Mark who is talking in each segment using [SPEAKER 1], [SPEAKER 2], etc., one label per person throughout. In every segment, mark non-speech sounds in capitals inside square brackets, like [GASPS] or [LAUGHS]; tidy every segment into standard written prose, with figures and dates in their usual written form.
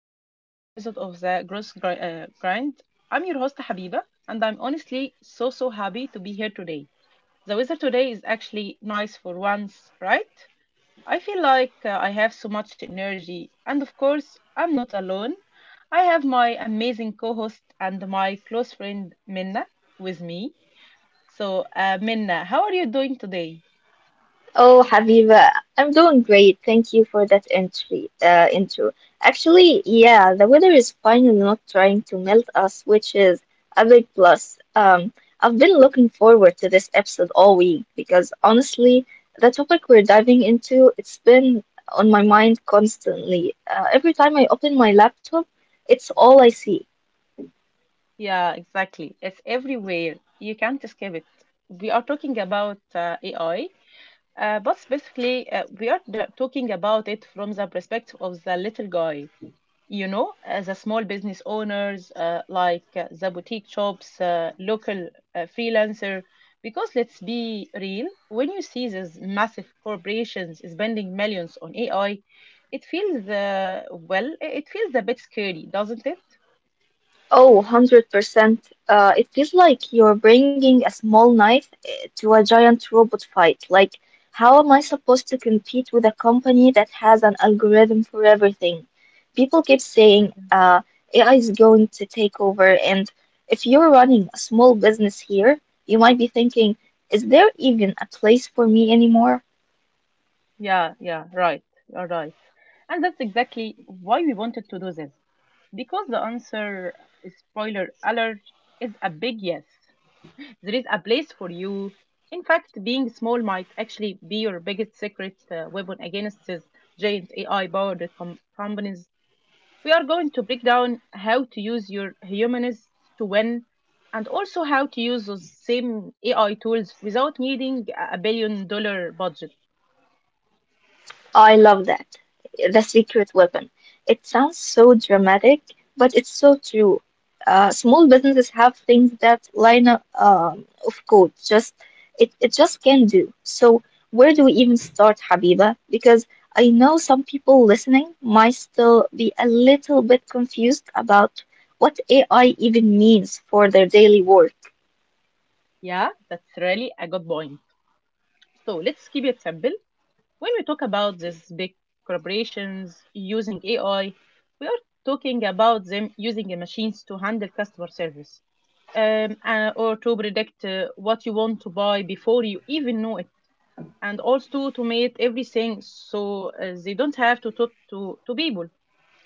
[SPEAKER 1] to another episode of the Grind. I'm your host Habiba, and I'm honestly so happy to be here today. The weather today is actually nice for once, right? I feel like I have so much energy, and of course, I'm not alone. I have my amazing co-host and my close friend Minna with me. So, Minna, how are you doing today?
[SPEAKER 2] Oh, Habiba, I'm doing great. Thank you for that intro. Actually, yeah, the weather is finally not trying to melt us, which is a big plus. I've been looking forward to this episode all week because honestly, the topic we're diving into, it's been on my mind constantly. Every time I open my laptop, it's all I see.
[SPEAKER 1] Yeah, exactly. It's everywhere. You can't escape it. We are talking about AI, but specifically, we are talking about it from the perspective of the little guy. You know, as a small business owners, like the boutique shops, local freelancer. Because let's be real, when you see these massive corporations spending millions on AI, it feels , well, It feels a bit scary, doesn't it?
[SPEAKER 2] Oh, 100%. It feels like you're bringing a small knife to a giant robot fight. Like, how am I supposed to compete with a company that has an algorithm for everything? People keep saying AI is going to take over, and if you're running a small business here, you might be thinking, is there even a place for me anymore?
[SPEAKER 1] Yeah, yeah, right. You're right. And that's exactly why we wanted to do this. Because the answer, spoiler alert, is a big yes. There is a place for you. In fact, being small might actually be your biggest secret weapon against these giant AI powered companies. We are going to break down how to use your humanness to win, and also how to use those same AI tools without needing a billion dollar budget.
[SPEAKER 2] Oh, I love that. The secret weapon. It sounds so dramatic, but it's so true. Small businesses have things that line up of code just it just can't do. So where do we even start, Habiba? Because I know some people listening might still be a little bit confused about what AI even means for their daily work.
[SPEAKER 1] Yeah, that's really a good point. So let's keep it simple. When we talk about these big corporations using AI, we are talking about them using the machines to handle customer service, or to predict what you want to buy before you even know it, and also to automate everything so they don't have to talk to people.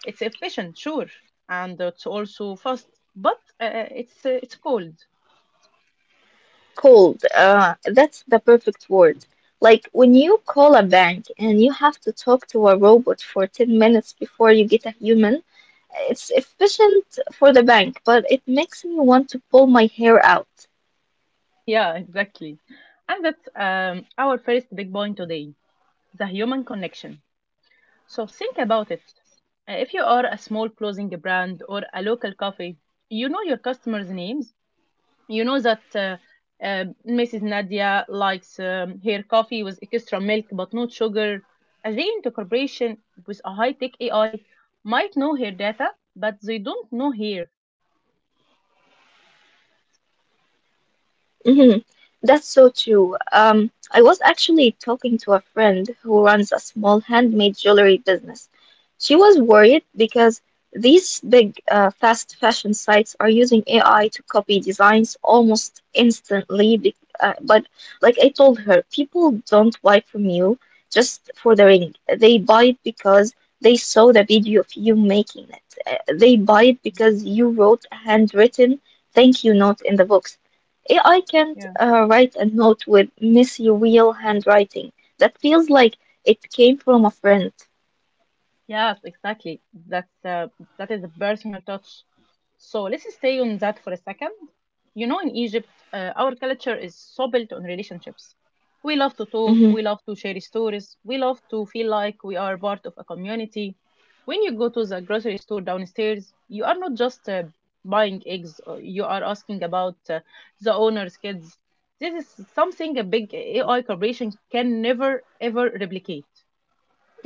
[SPEAKER 1] It's efficient, sure, and it's also fast, but it's cold.
[SPEAKER 2] Cold. That's the perfect word. Like when you call a bank and you have to talk to a robot for 10 minutes before you get a human, it's efficient for the bank, but it makes me want to pull my hair out.
[SPEAKER 1] Yeah, [LAUGHS] exactly. And that's our first big point today: the human connection. So think about it. If you are a small clothing brand or a local cafe, you know your customers' names. You know that Mrs. Nadia likes her coffee with extra milk but not sugar. A giant corporation with a high-tech AI might know her data, but they don't know her.
[SPEAKER 2] Hmm. That's so true. I was actually talking to a friend who runs a small handmade jewelry business. She was worried because these big, fast fashion sites are using AI to copy designs almost instantly. Be But like I told her, people don't buy from you just for the ring. They buy it because they saw the video of you making it. They buy it because you wrote a handwritten thank you note in the books. AI can't
[SPEAKER 1] Yeah.
[SPEAKER 2] write a note with messy real handwriting that feels like it came from a friend.
[SPEAKER 1] Yes, exactly. That is a personal touch. So let's stay on that for a second. You know, in Egypt, our culture is so built on relationships. We love to talk,
[SPEAKER 2] Mhm,
[SPEAKER 1] we love to share stories, we love to feel like we are part of a community. When you go to the grocery store downstairs, you are not just buying eggs, you are asking about the owner's kids. This is something a big AI corporation can never ever replicate.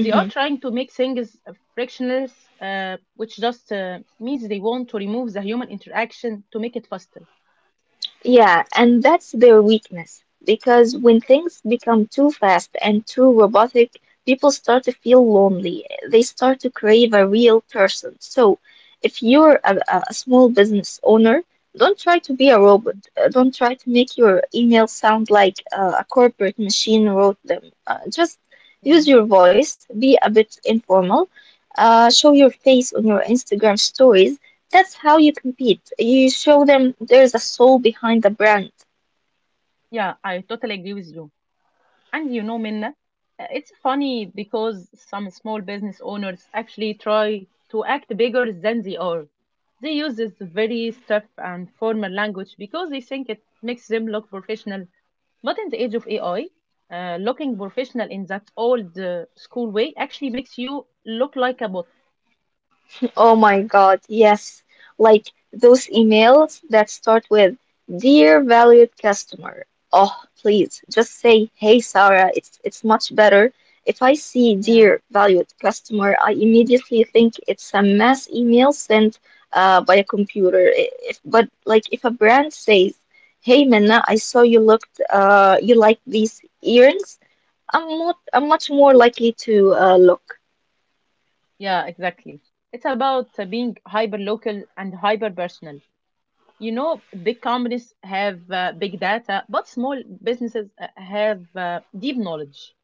[SPEAKER 1] They are trying to make things frictionless, which just means they want to remove the human interaction to make it faster.
[SPEAKER 2] Yeah, and that's their weakness. Because when things become too fast and too robotic, people start to feel lonely. They start to crave a real person. So, if you're a small business owner, don't try to be a robot. Don't try to make your email sound like a corporate machine wrote them. Just
[SPEAKER 1] Yeah.
[SPEAKER 2] use your voice, be a bit informal, show your face on your Instagram stories, that's how you compete. You show them there's a soul behind the brand.
[SPEAKER 1] Yeah, I totally agree with you. And you know, Minna, it's funny because some small business owners actually try to act bigger than they are. They use this very stiff and formal language because they think it makes them look professional. But in the age of AI, looking professional in that old school way actually makes you look like a bot.
[SPEAKER 2] Oh my God, yes. Like those emails that start with "Dear valued customer." Oh, please just say, "Hey Sarah, it's much better." If I see "Dear valued customer," I immediately think it's a mass email sent by a computer. I- If, but like if a brand says, "Hey Minna, I saw you looked you like these earrings," I'm much more likely to look.
[SPEAKER 1] Yeah, exactly. It's about being hyper local and hyper personal. You know, big companies have big data, but small businesses have deep knowledge.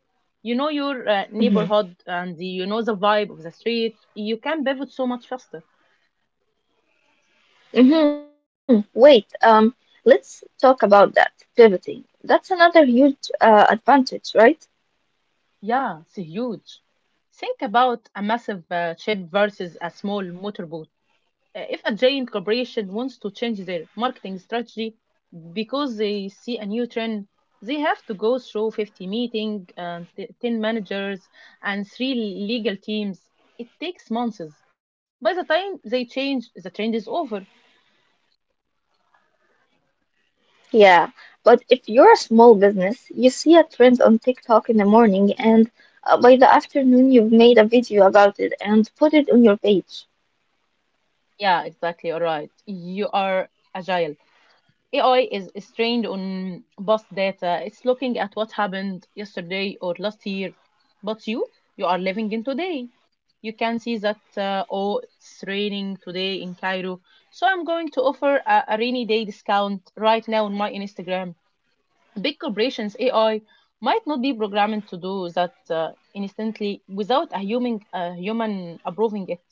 [SPEAKER 1] You know your neighborhood
[SPEAKER 2] Hmm.
[SPEAKER 1] and you know the vibe of the street. You can pivot so much faster.
[SPEAKER 2] Hmm. Let's talk about that pivoting. That's another huge advantage, right?
[SPEAKER 1] Yeah, it's huge. Think about a massive ship versus a small motorboat. If a giant corporation wants to change their marketing strategy because they see a new trend, they have to go through 50 meetings, and 10 managers and three legal teams. It takes months. By the time they change, the trend is over.
[SPEAKER 2] Yeah, but if you're a small business, you see a trend on TikTok in the morning, and by the afternoon, you've made a video about it and put it on your page.
[SPEAKER 1] Yeah, exactly. All right, you are agile. AI is trained on past data. It's looking at what happened yesterday or last year. But you are living in today. You can see that, oh, it's raining today in Cairo. So I'm going to offer a rainy day discount right now on my Instagram. Big corporations, AI, might not be programmed to do that instantly without a human approving it.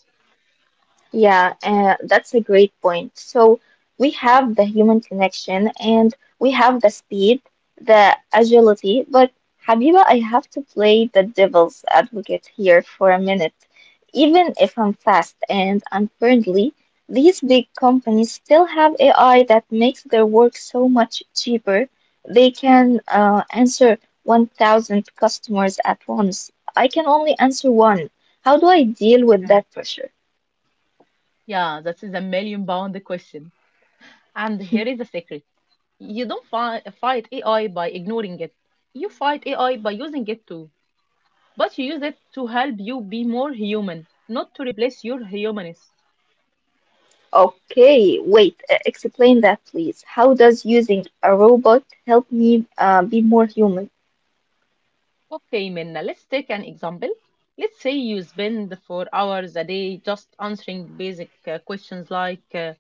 [SPEAKER 2] Yeah, that's a great point. So we have the human connection and we have the speed, the agility, but Habiba, I have to play the devil's advocate here for a minute. Even if I'm fast and I'm friendly, these big companies still have AI that makes their work so much cheaper. They can answer 1,000 customers at once. I can only answer one. How do I deal with
[SPEAKER 1] Yeah.
[SPEAKER 2] that pressure?
[SPEAKER 1] Yeah, that is a million pound question. And here is the secret. You don't fight AI by ignoring it. You fight AI by using it too. But you use it to help you be more human, not to replace your humanness.
[SPEAKER 2] Okay, wait, explain that please. How does using a robot help me be more human?
[SPEAKER 1] Okay, Minna, let's take an example. Let's say you spend 4 hours a day just answering basic questions like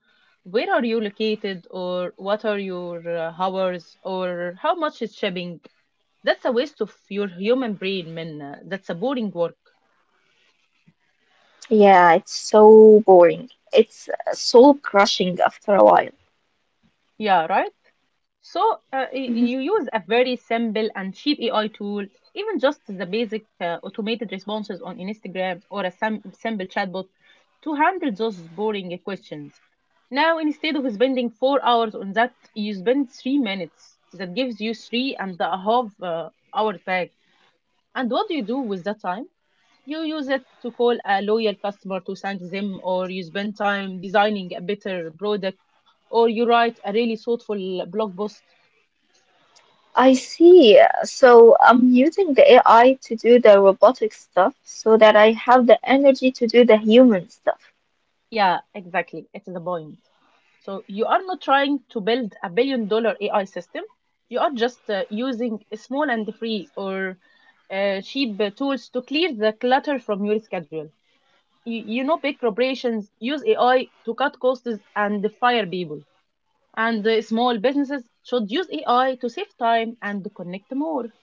[SPEAKER 1] where are you located, or what are your hours, or how much is shipping. That's a waste of your human brain, Minna. That's a boring work.
[SPEAKER 2] Yeah, it's so boring. It's soul crushing after a while.
[SPEAKER 1] Yeah, right? So
[SPEAKER 2] Mhm.
[SPEAKER 1] you use a very simple and cheap AI tool, even just the basic automated responses on Instagram or a simple chatbot to handle those boring questions. Now, instead of spending 4 hours on that, you spend 3 minutes. That gives you three and a half hours back. And what do you do with that time? You use it to call a loyal customer to thank them, or you spend time designing a better product, or you write a really thoughtful blog post.
[SPEAKER 2] I see. So I'm using the AI to do the robotic stuff so that I have the energy to do the human stuff.
[SPEAKER 1] Yeah, exactly. It's the point. So you are not trying to build a billion dollar AI system. You are just using small and free or cheap tools to clear the clutter from your schedule. You know, big corporations use AI to cut costs and fire people. And small businesses should use AI to save time and connect more.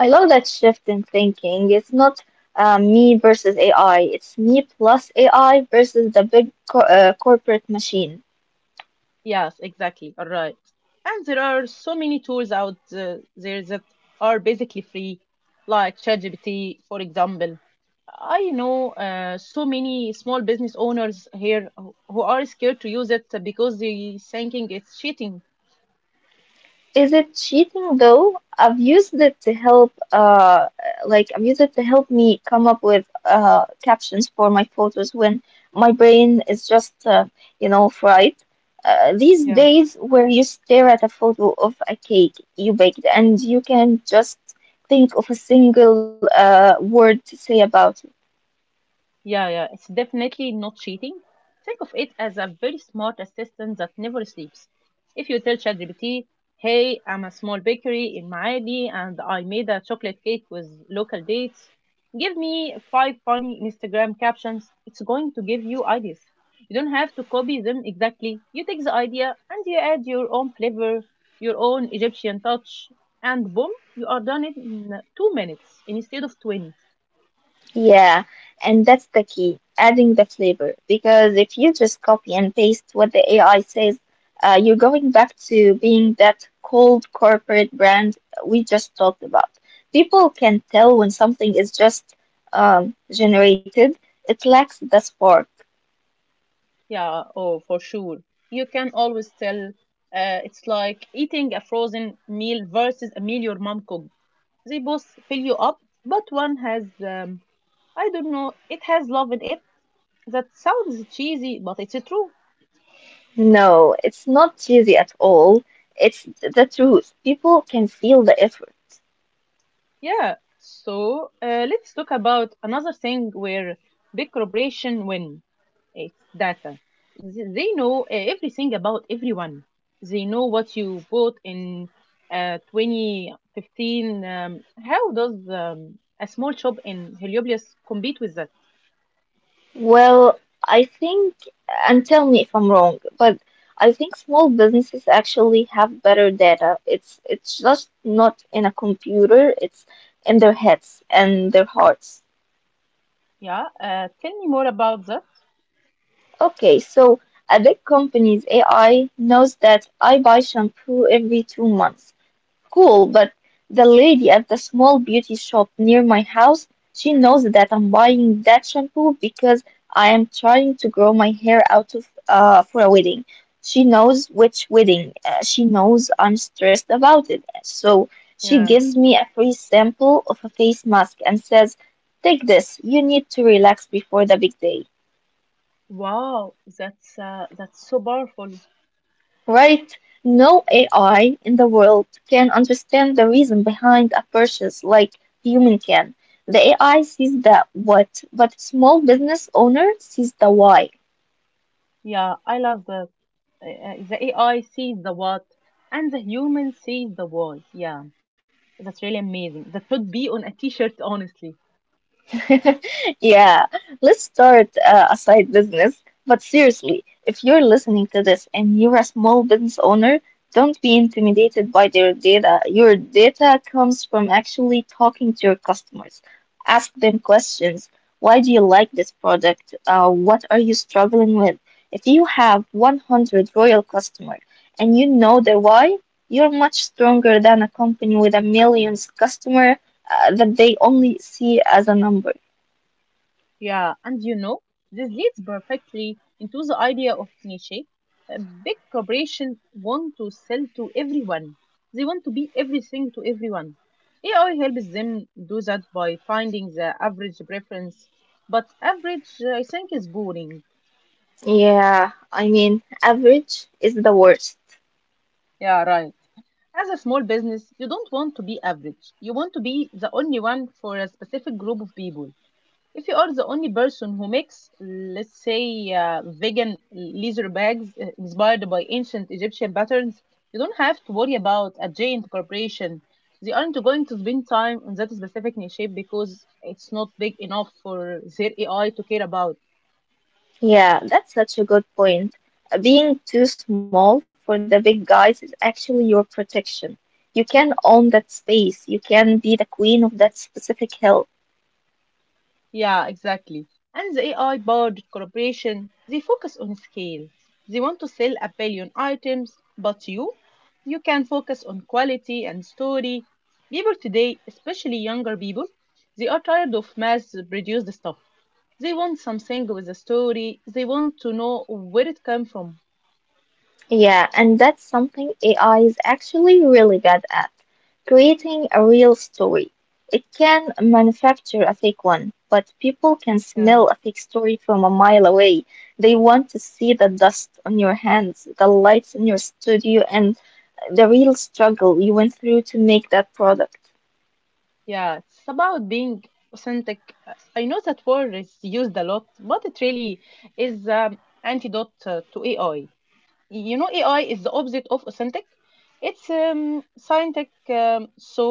[SPEAKER 2] I love that shift in thinking. It's not me versus AI, it's me plus AI versus the big corporate machine.
[SPEAKER 1] Yes, exactly. All right. And there are so many tools out there that are basically free, like ChatGPT, for example. I know so many small business owners here who are scared to use it because they thinking it's cheating.
[SPEAKER 2] Is it cheating though? I've used it to help, like I've used it to help me come up with captions for my photos when my brain is just, you know, fried. These days where you stare at a photo of a cake you baked and you can just think of a single word to say about.
[SPEAKER 1] Yeah, yeah, it's definitely not cheating. Think of it as a very smart assistant that never sleeps. If you tell ChatGPT, hey, I'm a small bakery in Maadi and I made a chocolate cake with local dates, give me five funny Instagram captions, it's going to give you ideas. You don't have to copy them exactly. You take the idea and you add your own flavor, your own Egyptian touch, and boom, you are done in 2 minutes instead of 20.
[SPEAKER 2] Yeah, and that's the key, adding the flavor. Because if you just copy and paste what the AI says, you're going back to being that cold corporate brand we just talked about. People can tell when something is just generated, it lacks the spark.
[SPEAKER 1] Yeah, oh, for sure. You can always tell. It's like eating a frozen meal versus a meal your mom cooked. They both fill you up, but one has, I don't know, it has love in it. That sounds cheesy, but it's true.
[SPEAKER 2] No, it's not cheesy at all. It's the truth. People can feel the effort.
[SPEAKER 1] Yeah. So let's talk about another thing where big corporation win. It's data. They know everything about everyone. They know what you bought in 2015. How does a small shop in Heliopolis compete with that?
[SPEAKER 2] Well, I think, and tell me if I'm wrong, but I think small businesses actually have better data. It's just not in a computer, it's in their heads and their hearts.
[SPEAKER 1] Yeah, tell me more about that.
[SPEAKER 2] Okay, so a big company's AI knows that I buy shampoo every 2 months. Cool, but the lady at the small beauty shop near my house, she knows that I'm buying that shampoo because I am trying to grow my hair out of for a wedding. She knows which wedding. She knows I'm stressed about it. So she
[SPEAKER 1] Yeah.
[SPEAKER 2] gives me a free sample of a face mask and says, "Take this. You need to relax before the big day."
[SPEAKER 1] Wow, that's so powerful.
[SPEAKER 2] Right? No AI in the world can understand the reason behind a purchase like human can. The AI sees the what, but small business owner sees the why.
[SPEAKER 1] Yeah, I love the AI sees the what and the human sees the why. Yeah, that's really amazing. That would be on a t-shirt, honestly.
[SPEAKER 2] [LAUGHS] Yeah, let's start a side business. But seriously, if you're listening to this and you're a small business owner, don't be intimidated by their data. Your data comes from actually talking to your customers. Ask them questions. Why do you like this product? What are you struggling with? If you have 100 loyal customers and you know their why, you're much stronger than a company with a millions customer that they only see as a number.
[SPEAKER 1] Yeah, and you know, this leads perfectly into the idea of niche. Uh, Big corporations want to sell to everyone. They want to be everything to everyone. AI helps them do that by finding the average preference, but average, I think, is boring.
[SPEAKER 2] Yeah, I mean, average is the worst.
[SPEAKER 1] Yeah, right. As a small business, you don't want to be average. You want to be the only one for a specific group of people. If you are the only person who makes, let's say, vegan leather bags inspired by ancient Egyptian patterns, you don't have to worry about a giant corporation. They aren't going to spend time on that specific niche because it's not big enough for their AI to care about.
[SPEAKER 2] Yeah, that's such a good point. Being too small for the big guys is actually your protection. You can own that space, you can be the queen of that specific hill.
[SPEAKER 1] Yeah, exactly. And the AI powered corporation, they focus on scale. They want to sell a billion items, but you can focus on quality and story. People today, especially younger people, they are tired of mass produced stuff. They want something with a story. They want to know where it came from.
[SPEAKER 2] Yeah, and that's something AI is actually really bad at, creating a real story. It can manufacture a fake one, but people can
[SPEAKER 1] Yeah,
[SPEAKER 2] smell a fake story from a mile away. They want to see the dust on your hands, the lights in your studio, and the real struggle you went through to make that product.
[SPEAKER 1] yeah, it's about being authentic. I know that word is used a lot, but it really is antidote to AI. You know, AI is the opposite of authentic. It's scientific. So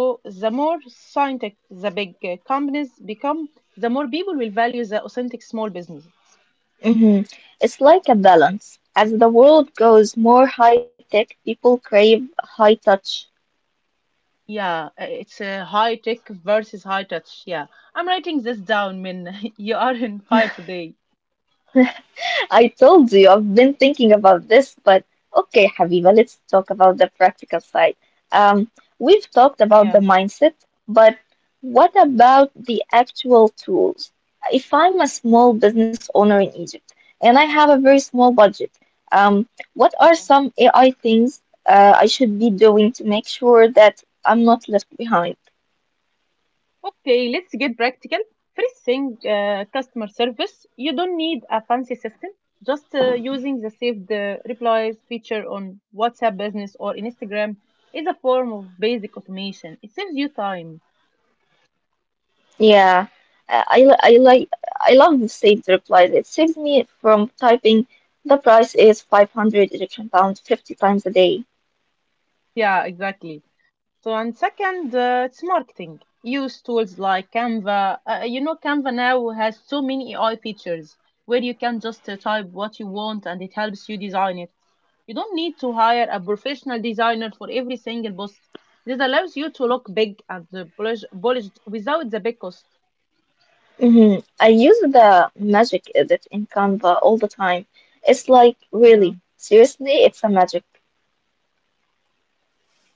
[SPEAKER 1] the more scientific the big companies become, the more people will value the authentic small business.
[SPEAKER 2] Hmm. It's like a balance. As the world goes more high tech, people crave high touch.
[SPEAKER 1] Yeah, it's a high tech versus high touch. Yeah, I'm writing this down. When [LAUGHS] You are in fire today.
[SPEAKER 2] I told you I've been thinking about this, but okay, Habiba, let's talk about the practical side. Um, we've talked about the
[SPEAKER 1] Yeah.
[SPEAKER 2] mindset, but what about the actual tools? If I'm a small business owner in Egypt and I have a very small budget, um, what are some AI things I should be doing to make sure that I'm not left behind?
[SPEAKER 1] Okay, let's get practical. First thing, customer service. You don't need a fancy system. Just using the saved replies feature on WhatsApp Business or Instagram is a form of basic automation. It saves you time.
[SPEAKER 2] Yeah, I like, I love the saved replies. It saves me from typing the price is 500 Egyptian pounds 50 times a day.
[SPEAKER 1] Yeah, exactly. So, and second, it's marketing. Use tools like Canva. Canva now has so many AI features where you can just type what you want and it helps you design it. You don't need to hire a professional designer for every single post. This allows you to look big and polished without the big cost.
[SPEAKER 2] Hmm. I use the magic edit in Canva all the time. It's like
[SPEAKER 1] Yeah.
[SPEAKER 2] really, seriously, it's a magic.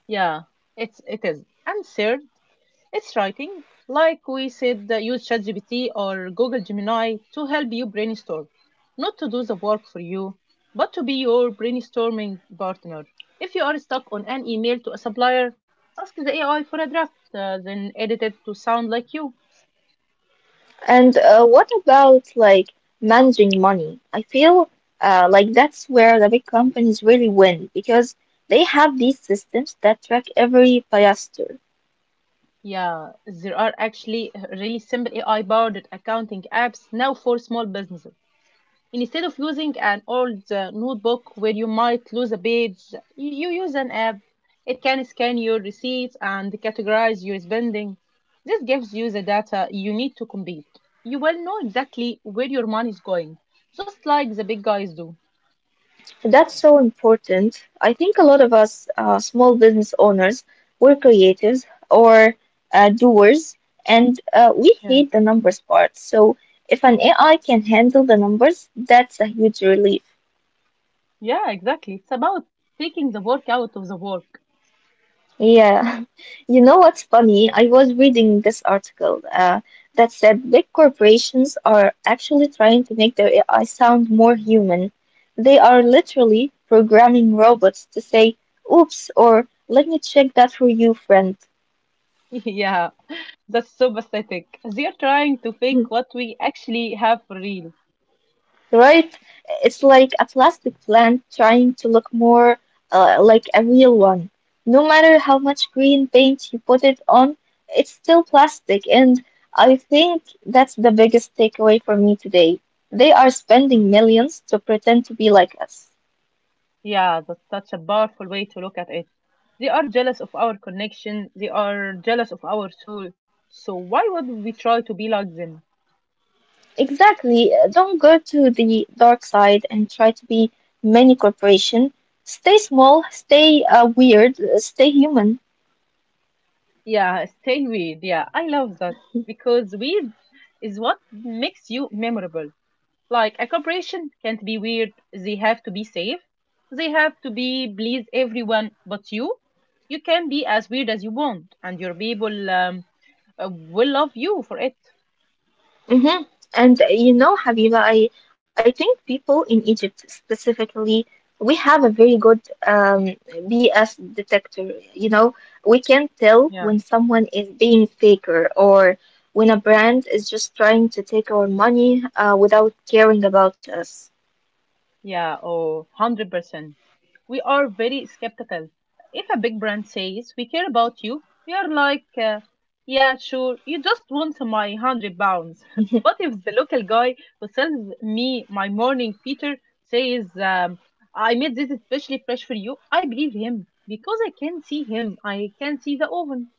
[SPEAKER 1] Yeah, it is. And third, it's writing. Like we said, use ChatGPT or Google Gemini to help you brainstorm. Not to do the work for you, but to be your brainstorming partner. If you are stuck on an email to a supplier, ask the AI for a draft, then edit it to sound like you.
[SPEAKER 2] And what about like managing money? I feel like that's where the big companies really win because they have these systems that track every piastre.
[SPEAKER 1] Yeah, there are actually really simple AI powered accounting apps now for small businesses. Instead of using an old notebook where you might lose a page, you use an app. It can scan your receipts and categorize your spending. This gives you the data you need to compete. You will know exactly where your money is going, just like the big guys do.
[SPEAKER 2] That's so important. I think a lot of us, small business owners, we're creatives or doers, and we
[SPEAKER 1] Yeah,
[SPEAKER 2] hate the numbers part. So if an AI can handle the numbers, that's a huge relief.
[SPEAKER 1] yeah, exactly. It's about taking the work out of the work.
[SPEAKER 2] Yeah, [LAUGHS] you know what's funny? I was reading this article that said big corporations are actually trying to make their AI sound more human. They are literally programming robots to say, oops, or let me check that for you, friend.
[SPEAKER 1] [LAUGHS] Yeah, that's so pathetic. They're trying to fake what we actually have for real.
[SPEAKER 2] Right? It's like a plastic plant trying to look more like a real one. No matter how much green paint you put it on, it's still plastic. And I think that's the biggest takeaway for me today. They are spending millions to pretend to be like us.
[SPEAKER 1] Yeah, that's such a powerful way to look at it. They are jealous of our connection, they are jealous of our soul. So why would we try to be like them?
[SPEAKER 2] Exactly. Uh, don't go to the dark side and try to be many corporation. Stay small, stay weird, stay human.
[SPEAKER 1] Yeah, stay weird. Yeah, I love that because weird is what makes you memorable. Like, a corporation can't be weird, they have to be safe. They have to be please everyone but you. You can be as weird as you want and your people will love you for it.
[SPEAKER 2] Mm-hmm. And you know, Habiba, I think people in Egypt specifically, we have a very good um, BS detector. You know, we can tell
[SPEAKER 1] Yeah.
[SPEAKER 2] when someone is being faker or when a brand is just trying to take our money without caring about us.
[SPEAKER 1] Yeah, oh, 100%. We are very skeptical. If a big brand says, we care about you, we are like, yeah, sure, you just want my 100 pounds. [LAUGHS] But
[SPEAKER 2] [LAUGHS]
[SPEAKER 1] if the local guy who sells me my morning Peter says, I made this especially fresh for you, I believe him because I can see him. I can see the oven.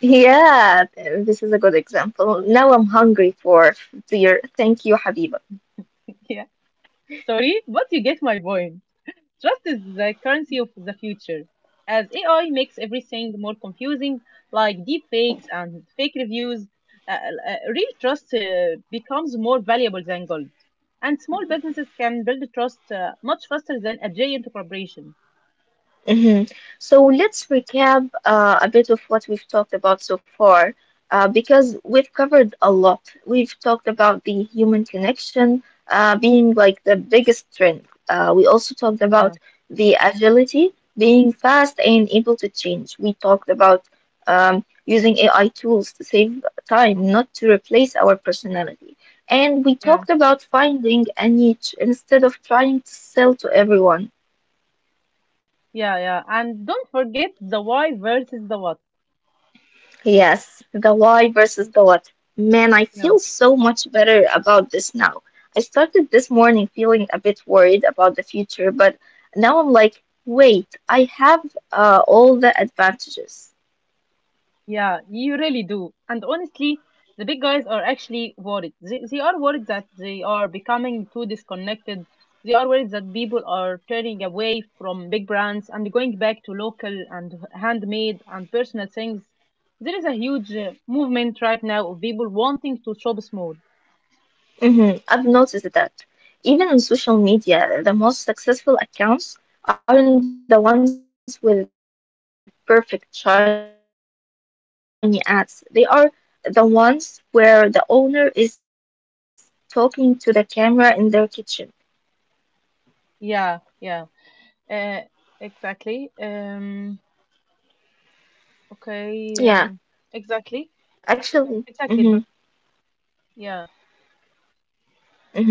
[SPEAKER 2] Yeah, this is a good example. Now I'm hungry for dear. Thank you, Habiba.
[SPEAKER 1] [LAUGHS] Yeah, sorry, but you get my point. Trust is the currency of the future. As AI makes everything more confusing, like deepfakes and fake reviews, uh, real trust becomes more valuable than gold. And small businesses can build trust much faster than a giant corporation.
[SPEAKER 2] Hmm. So let's recap a bit of what we've talked about so far, because we've covered a lot. We've talked about the human connection being like the biggest strength. We also talked about
[SPEAKER 1] Yeah,
[SPEAKER 2] the agility, being fast and able to change. We talked about using AI tools to save time, not to replace our personality. And we
[SPEAKER 1] yeah,
[SPEAKER 2] talked about finding a niche instead of trying to sell to everyone.
[SPEAKER 1] yeah, yeah. And don't forget the why versus the what.
[SPEAKER 2] Yes, the why versus the what. Man, I feel so much better about this now. I started this morning feeling a bit worried about the future, but now I'm like, wait, I have all the advantages.
[SPEAKER 1] Yeah, you really do. And honestly, the big guys are actually worried. They are worried that they are becoming too disconnected. They are worried that people are turning away from big brands and going back to local and handmade and personal things. There is a huge movement right now of people wanting to shop small.
[SPEAKER 2] Hmm, I've noticed that. Even on social media, the most successful accounts aren't the ones with perfect shiny ads. They are the ones where the owner is talking to the camera in their kitchen with a messy background, just being real.
[SPEAKER 1] Yeah, yeah, uh, exactly. Okay,
[SPEAKER 2] Yeah.
[SPEAKER 1] exactly,
[SPEAKER 2] Actually,
[SPEAKER 1] exactly. per- Yeah,
[SPEAKER 2] hmm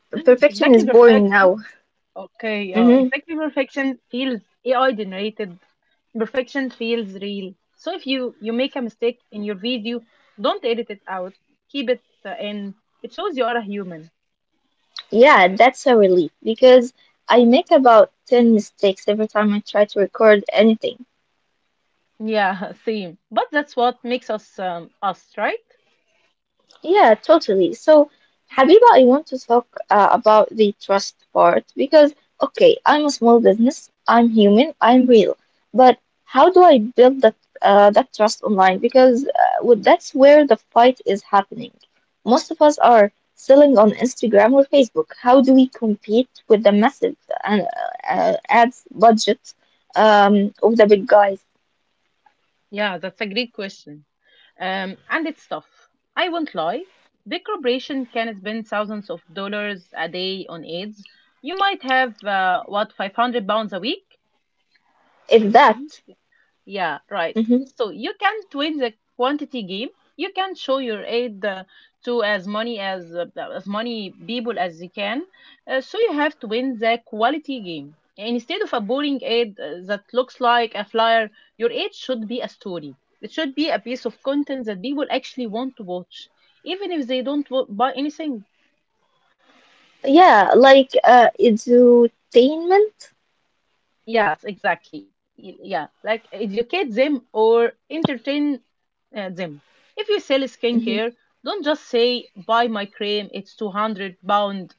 [SPEAKER 1] [GASPS]
[SPEAKER 2] perfection
[SPEAKER 1] [LAUGHS]
[SPEAKER 2] is
[SPEAKER 1] exactly.
[SPEAKER 2] boring now.
[SPEAKER 1] Perfection. Okay, yeah,
[SPEAKER 2] Hmm.
[SPEAKER 1] exactly. Perfection feels AI generated. Perfection feels real. So if you make a mistake in your video, don't edit it out. Keep it in. It shows you are a human.
[SPEAKER 2] Yeah, that's a relief because I make about 10 mistakes every time I try to record anything.
[SPEAKER 1] Yeah, [LAUGHS] same. But that's what makes us us, right?
[SPEAKER 2] Yeah, totally. So, Habiba, I want to talk about the trust part because, okay, I'm a small business, I'm human, I'm real, but how do I build that that trust online? Because well, that's where the fight is happening. Most of us are selling on Instagram or Facebook. How do we compete with the massive uh, ads budget of the big guys?
[SPEAKER 1] Yeah, that's a great question. And it's tough. I won't lie. Big corporation can spend thousands of dollars a day on ads. You might have what, 500 pounds a week. I
[SPEAKER 2] If
[SPEAKER 1] think.
[SPEAKER 2] that,
[SPEAKER 1] Yeah, right.
[SPEAKER 2] hmm.
[SPEAKER 1] So you can twin the quantity game. You can show your aid to as many people as you can. So you have to win the quality game. Instead of a boring aid that looks like a flyer, your aid should be a story. It should be a piece of content that people actually want to watch, even if they don't buy anything.
[SPEAKER 2] Yeah, like edutainment.
[SPEAKER 1] Yes, exactly. Yeah, like educate them or entertain them. If you sell
[SPEAKER 2] Mm-hmm.
[SPEAKER 1] skincare, don't just say buy my cream, it's 200 pound.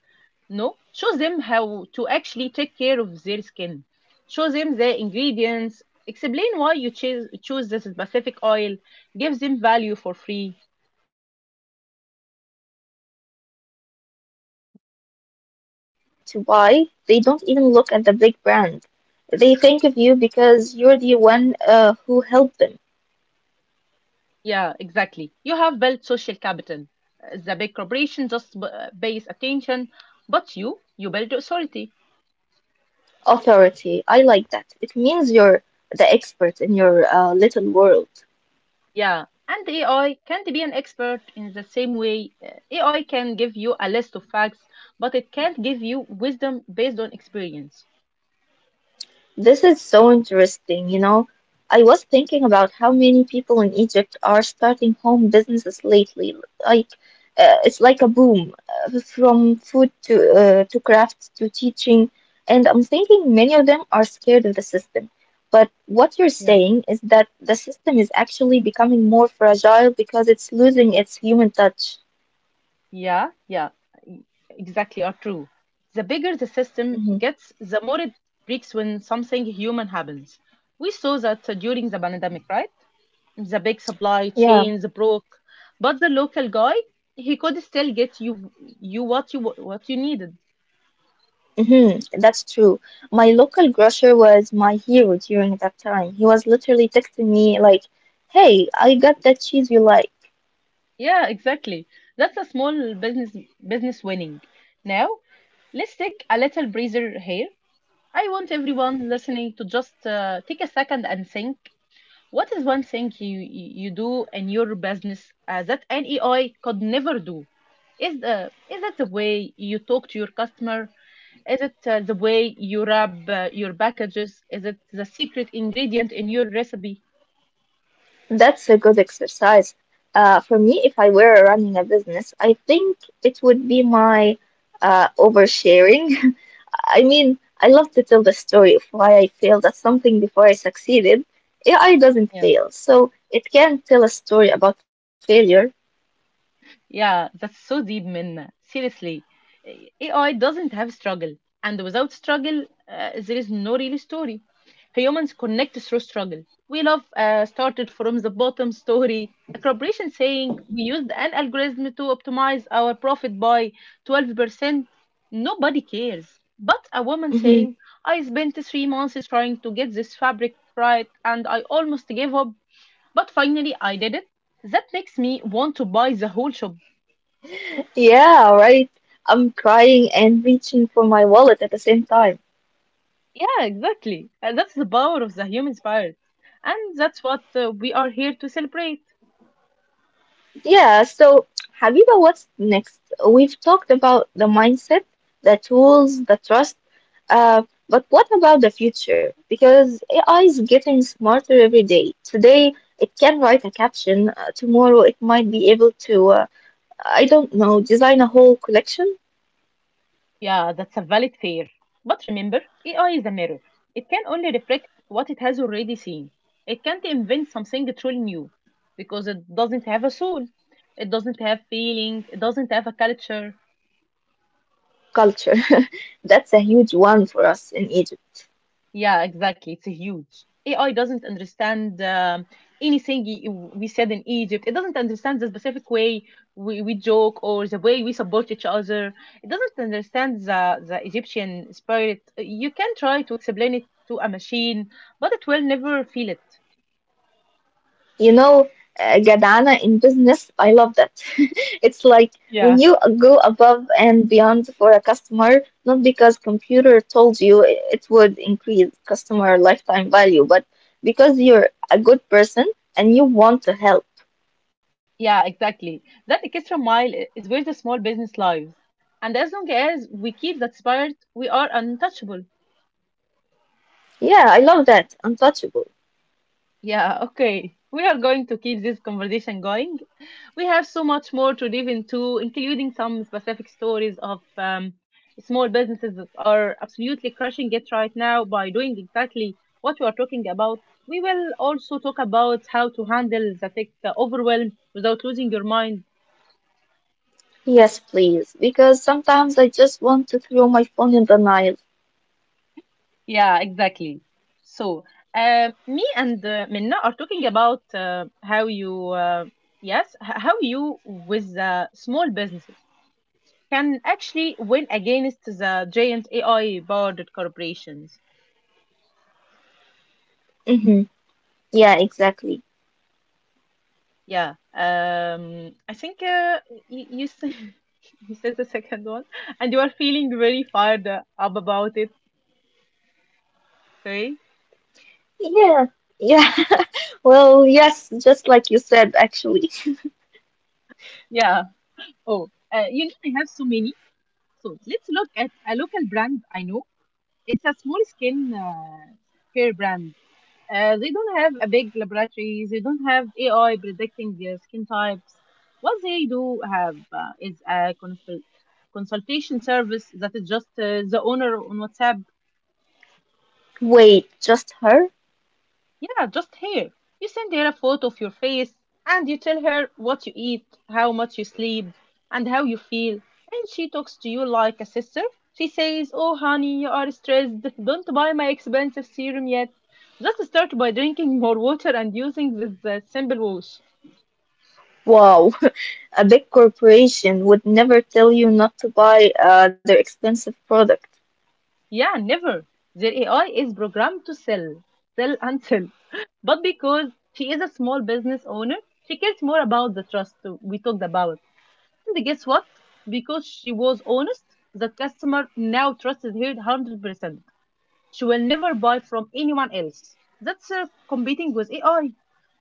[SPEAKER 1] No, show them how to actually take care of their skin. Show them the ingredients, explain why you choose this specific oil, give them value for free.
[SPEAKER 2] Ah, I see. So when they are ready to buy, they don't even look at the big brand. They think of you because you're the one who helped them.
[SPEAKER 1] Yeah, exactly. You have built social capital. The big corporation just pays attention, but you build authority.
[SPEAKER 2] Authority. I like that. It means you're the expert in your little world.
[SPEAKER 1] Yeah, and AI can't be an expert in the same way. AI can give you a list of facts, but it can't give you wisdom based on experience.
[SPEAKER 2] This is so interesting, you know. I was thinking about how many people in Egypt are starting home businesses lately. Like, it's like a boom, from food to crafts to teaching, and I'm thinking many of them are scared of the system. But what you're
[SPEAKER 1] Yeah.
[SPEAKER 2] saying is that the system is actually becoming more fragile because it's losing its human touch.
[SPEAKER 1] Yeah, e- exactly, are true. The bigger the system
[SPEAKER 2] Mhm.
[SPEAKER 1] gets, the more it breaks when something human happens. We saw that during the pandemic, right? The big supply
[SPEAKER 2] Yeah.
[SPEAKER 1] chains broke, but the local guy, he could still get you what you what you needed.
[SPEAKER 2] Hmm, that's true. My local grocer was my hero during that time. He was literally texting me like, "Hey, I got that cheese you like."
[SPEAKER 1] Yeah, exactly. That's a small business winning. Now, let's take a little breather here. I want everyone listening to just take a second and think. What is one thing you do in your business that an AI could never do? Is it the way you talk to your customer? Is it the way you wrap your packages? Is it the secret ingredient in your recipe?
[SPEAKER 2] That's a good exercise. For me, if I were running a business, I think it would be my oversharing. [LAUGHS] I mean, I love to tell the story of why I failed at something before I succeeded. AI doesn't
[SPEAKER 1] Yeah.
[SPEAKER 2] fail, so it can tell a story about failure.
[SPEAKER 1] Yeah, that's so deep, Minna. Seriously, AI doesn't have struggle, and without struggle, there is no real story. Humans connect through struggle. We love started from the bottom story. A corporation saying we used an algorithm to optimize our profit by 12%. Nobody cares. But a woman saying, I spent 3 months trying to get this fabric right and I almost gave up, but finally I did it. That makes me want to buy the whole shop.
[SPEAKER 2] Yeah, right. I'm crying and reaching for my wallet at the same time.
[SPEAKER 1] Yeah, exactly. And that's the power of the human spirit. And that's what we are here to celebrate.
[SPEAKER 2] Yeah, so Habiba, what's next? We've talked about the mindset, the tools, the trust, uh, but what about the future? Because AI is getting smarter every day. Today, it can write a caption. Tomorrow, it might be able to, I don't know, design a whole collection?
[SPEAKER 1] Yeah, that's a valid fear. But remember, AI is a mirror. It can only reflect what it has already seen. It can't invent something truly new because it doesn't have a soul. It doesn't have feeling. It doesn't have a culture.
[SPEAKER 2] Culture. [LAUGHS] That's a huge one for us in Egypt.
[SPEAKER 1] Yeah, exactly. It's huge. AI doesn't understand anything we said in Egypt. It doesn't understand the specific way we joke or the way we support each other. It doesn't understand the Egyptian spirit. You can try to explain it to a machine, but it will never feel it.
[SPEAKER 2] You know, Gadana in business, I love that. [LAUGHS] It's like when
[SPEAKER 1] Yeah.
[SPEAKER 2] you go above and beyond for a customer, not because computer told you it would increase customer lifetime value, but because you're a good person and you want to help.
[SPEAKER 1] Yeah, exactly. That extra mile is where the small business lives. And as long as we keep that spirit, we are untouchable.
[SPEAKER 2] Yeah, I love that. Untouchable.
[SPEAKER 1] Yeah, okay. We are going to keep this conversation going. We have so much more to dive into, including some specific stories of small businesses that are absolutely crushing it right now by doing exactly what we are talking about. We will also talk about how to handle the tech overwhelm without losing your mind.
[SPEAKER 2] Yes, please. Because sometimes I just want to throw my phone in the Nile.
[SPEAKER 1] Yeah, exactly. So, me and Minna are talking about how you with small businesses can actually win against the giant AI powered corporations.
[SPEAKER 2] Mm-hmm. Yeah, exactly.
[SPEAKER 1] Yeah, I think said, [LAUGHS] you said the second one, and you are feeling very fired up about it today.
[SPEAKER 2] Yeah. Yeah. [LAUGHS] Well, yes, just like you said, actually.
[SPEAKER 1] Yeah. Oh, you know, I have so many. So let's look at a local brand I know. It's a small skin care brand. They don't have a big laboratory. They don't have AI predicting skin types. What they do have is a consultation service that is just the owner on WhatsApp.
[SPEAKER 2] Wait, just her?
[SPEAKER 1] Yeah, just here. You send her a photo of your face and you tell her what you eat, how much you sleep, and how you feel. And she talks to you like a sister. She says, oh, honey, you are stressed. Don't buy my expensive serum yet. Just start by drinking more water and using this simple wash.
[SPEAKER 2] Wow, [LAUGHS] a big corporation would never tell you not to buy their expensive product.
[SPEAKER 1] Yeah, never. Their AI is programmed to sell, sell and sell. [LAUGHS] But because she is a small business owner, she cares more about the trust we talked about. And guess what? Because she was honest, that customer now trusts her 100%. She will never buy from anyone else. That's competing with AI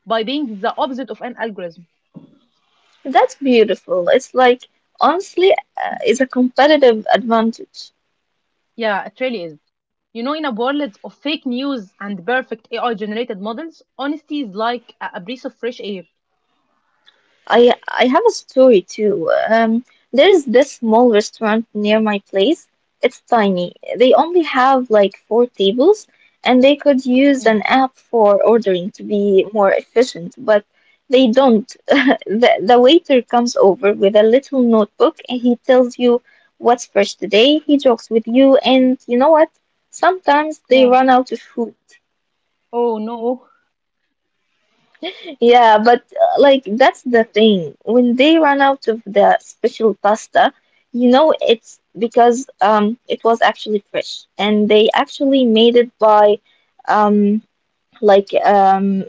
[SPEAKER 1] by being the opposite of an algorithm.
[SPEAKER 2] That's beautiful. It's like, honestly, it's a competitive advantage.
[SPEAKER 1] Yeah, it really is. You know, in a world of fake news and perfect AI generated models, honesty is like a breath of fresh air.
[SPEAKER 2] I have a story too. There's this small restaurant near my place. It's tiny. They only have like four tables, and they could use an
[SPEAKER 1] Mm.
[SPEAKER 2] app for ordering to be more efficient, but they don't. [LAUGHS] The waiter comes over with a little notebook and he tells you what's fresh today. He jokes with you, and you know what? Sometimes they
[SPEAKER 1] Yeah.
[SPEAKER 2] run out of food.
[SPEAKER 1] Oh no.
[SPEAKER 2] Yeah, but like that's the thing. When they ran out of the special pasta, you know it's because it was actually fresh and they actually made it by um like um,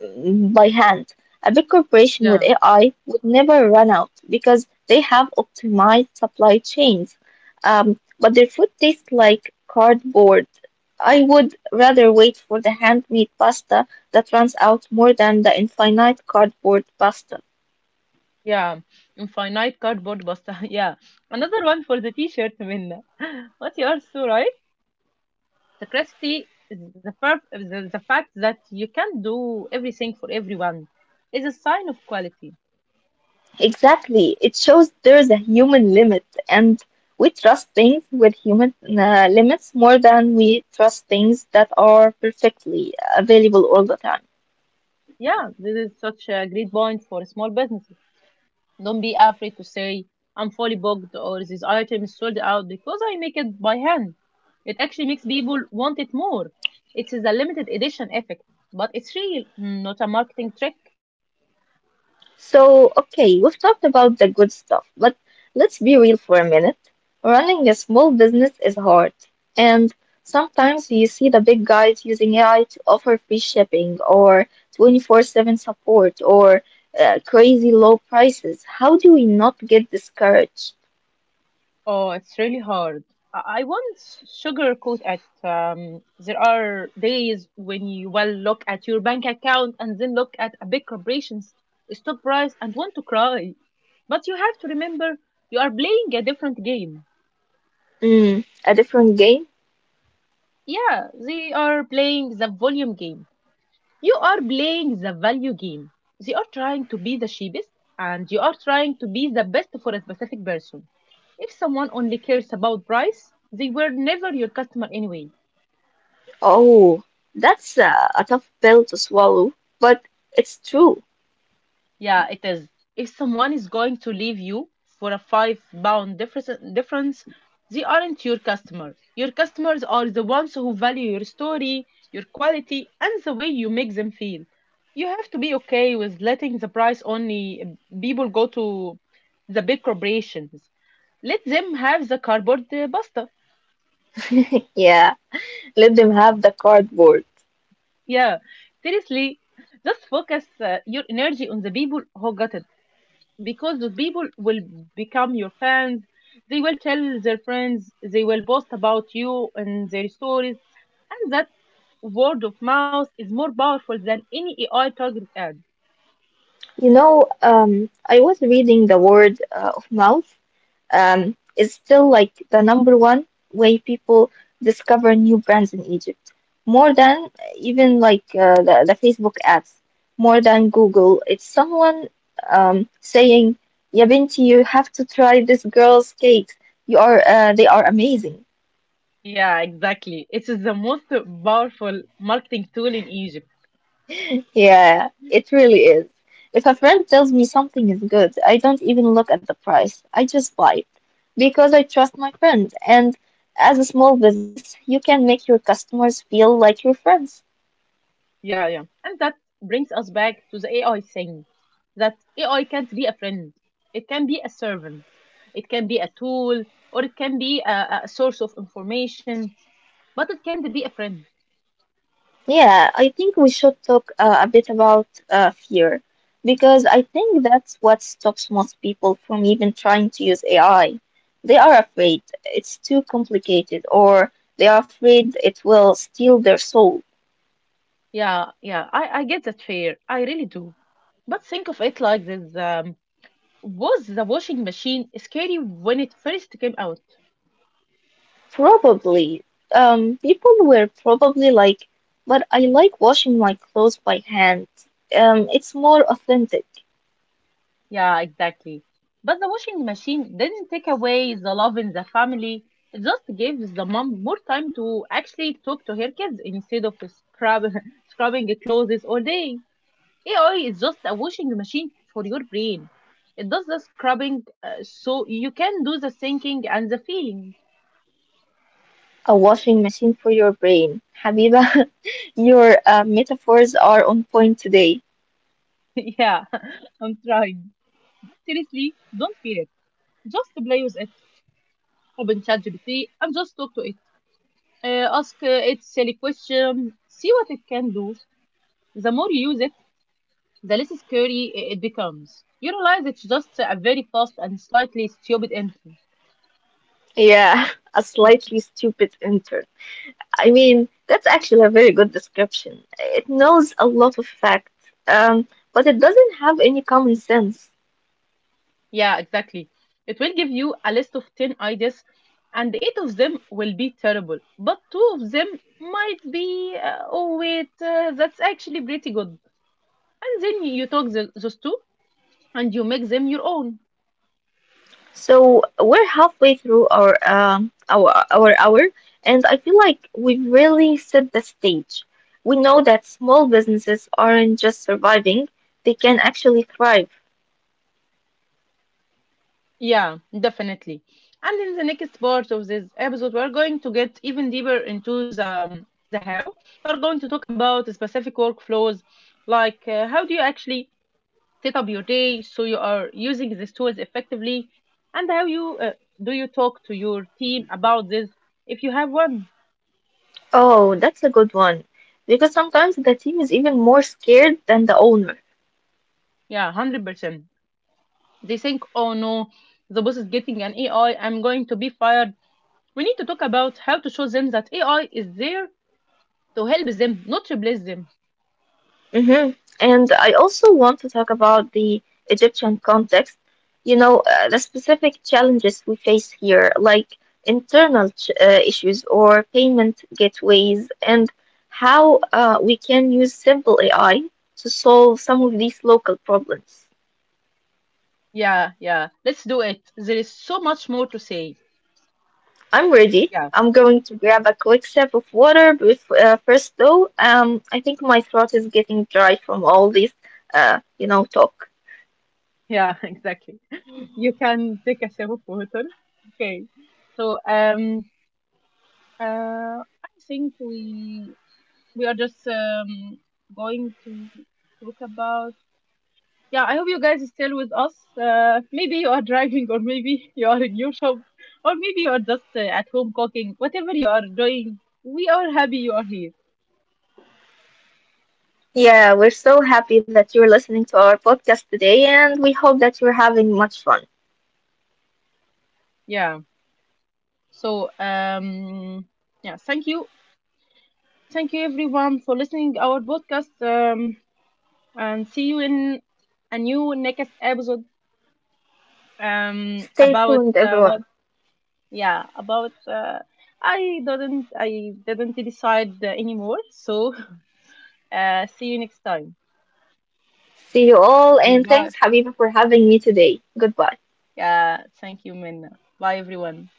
[SPEAKER 2] by hand. A big corporation with
[SPEAKER 1] Yeah.
[SPEAKER 2] AI would never run out because they have optimized supply chains. But their food tastes like cardboard. I would rather wait for the handmade pasta that runs out more than the infinite cardboard pasta.
[SPEAKER 1] Yeah. Infinite cardboard pasta. [LAUGHS] Yeah. Another one for the t-shirt, Minna. [LAUGHS] What you are so right. [LAUGHS] The crusty is the the fact that you can do everything for everyone is a sign of quality.
[SPEAKER 2] Exactly. It shows there's a human limit, and we trust things with human limits more than we trust things that are perfectly available all the time.
[SPEAKER 1] Yeah, this is such a great point for small businesses. Don't be afraid to say, I'm fully booked or this item is sold out because I make it by hand. It actually makes people want it more. It's a limited edition effect, but it's real, not a marketing trick.
[SPEAKER 2] So, okay, we've talked about the good stuff, but let's be real for a minute. Running a small business is hard, and sometimes you see the big guys using AI to offer free shipping or 24/7 support or crazy low prices. How do we not get discouraged?
[SPEAKER 1] Oh, it's really hard. I once sugarcoat at there are days when you will look at your bank account and then look at a big corporation's stock price and want to cry. But you have to remember you are playing a different game.
[SPEAKER 2] Mm, a different game?
[SPEAKER 1] Yeah, they are playing the volume game. You are playing the value game. They are trying to be the cheapest, and you are trying to be the best for a specific person. If someone only cares about price, they were never your customer anyway.
[SPEAKER 2] Oh, that's a tough pill to swallow, but it's true.
[SPEAKER 1] Yeah, it is. If someone is going to leave you for a £5 difference, they aren't your customer. Your customers are the ones who value your story, your quality, and the way you make them feel. You have to be okay with letting the price only people go to the big corporations. Let them have the cardboard pasta.
[SPEAKER 2] Yeah, let them have the cardboard.
[SPEAKER 1] Yeah, seriously, just focus your energy on the people who got it, because those people will become your fans. They will tell their friends. They will boast about you in their stories, and that word of mouth is more powerful than any AI targeted ad.
[SPEAKER 2] You know, I was reading the word of mouth is still like the number one way people discover new brands in Egypt, more than even like the Facebook ads, more than Google. It's someone saying, "Ya binti, you have to try this girl's cakes. You are they are amazing."
[SPEAKER 1] Yeah, exactly. It is the most powerful marketing tool in Egypt.
[SPEAKER 2] Yeah, it really is. If a friend tells me something is good, I don't even look at the price. I just buy it because I trust my friend. And as a small business, you can make your customers feel like your friends.
[SPEAKER 1] Yeah, yeah, and that brings us back to the AI thing. That AI can't be a friend. It can be a servant. It can be a tool, or it can be a source of information, but it can't be a friend.
[SPEAKER 2] Yeah, I think we should talk a bit about fear because I think that's what stops most people from even trying to use AI. They are afraid it's too complicated or they are afraid it will steal their soul.
[SPEAKER 1] Yeah, yeah, I get that fear. I really do. But think of it like this. Was the washing machine scary when it first came out?
[SPEAKER 2] Probably. People were probably like, but I like washing my clothes by hand. It's more authentic.
[SPEAKER 1] Yeah, exactly. But the washing machine didn't take away the love in the family, it just gave the mom more time to actually talk to her kids instead of scrub, [LAUGHS] scrubbing clothes all day. AI is just a washing machine for your brain. It does the scrubbing, so you can do the thinking and the feeling.
[SPEAKER 2] A washing machine for your brain. Habiba, [LAUGHS] your metaphors are on point today.
[SPEAKER 1] [LAUGHS] Yeah, [LAUGHS] I'm trying. But seriously, don't fear it. Just play with it. Open ChatGPT and just talk to it. Ask it silly question. See what it can do. The more you use it, the less scary it becomes. You realize it's just a very fast and slightly stupid entry.
[SPEAKER 2] Yeah, [LAUGHS] a slightly stupid intern. I mean, that's actually a very good description. It knows a lot of facts, but it doesn't have any common sense.
[SPEAKER 1] Yeah, exactly. It will give you a list of 10 ideas, and eight of them will be terrible, but two of them might be, oh, wait, that's actually pretty good. And then you talk the, those two and you make them your own.
[SPEAKER 2] So we're halfway through our hour, and I feel like we've really set the stage. We know that small businesses aren't just surviving; they can actually thrive.
[SPEAKER 1] Yeah, definitely. And in the next part of this episode, we're going to get even deeper into the how. We're going to talk about specific workflows, like how do you actually set up your day so you are using these tools effectively, and how you do you talk to your team about this if you have one.
[SPEAKER 2] Oh, that's a good one, because sometimes the team is even more scared than the owner.
[SPEAKER 1] Yeah, 100%. They think, oh no, the boss is getting an AI, I'm going to be fired. We need to talk about how to show them that AI is there to help them, not replace them.
[SPEAKER 2] Hmm. And I also want to talk about the Egyptian context, you know, the specific challenges we face here, like internal ch issues or payment gateways, and how we can use simple AI to solve some of these local problems.
[SPEAKER 1] Yeah, yeah. Let's do it. There is so much more to say.
[SPEAKER 2] I'm ready.
[SPEAKER 1] Yeah,
[SPEAKER 2] I'm going to grab a quick sip of water. Bef First, though, I think my throat is getting dry from all this, talk.
[SPEAKER 1] yeah, [LAUGHS] exactly. You can take a sip of water. Okay. So uh I think we are just going to talk about yeah, I hope you guys are still with us. Maybe you are driving, or maybe [LAUGHS] you are in your shop, or maybe you are just at home cooking. Whatever you are doing, we are happy you are here.
[SPEAKER 2] Yeah, we're so happy that you're listening to our podcast today, and we hope that you're having much fun.
[SPEAKER 1] Yeah. So yeah, thank you everyone for listening our podcast, and see you in a new next episode
[SPEAKER 2] Stay
[SPEAKER 1] about
[SPEAKER 2] tuned,
[SPEAKER 1] what.
[SPEAKER 2] everyone.
[SPEAKER 1] Yeah, about, I didn't decide anymore. So [LAUGHS] see you next time.
[SPEAKER 2] See you all,
[SPEAKER 1] Okay,
[SPEAKER 2] and
[SPEAKER 1] bye.
[SPEAKER 2] thanks, Habiba, for having me today. Goodbye.
[SPEAKER 1] Yeah, thank you, Minna. Bye, everyone.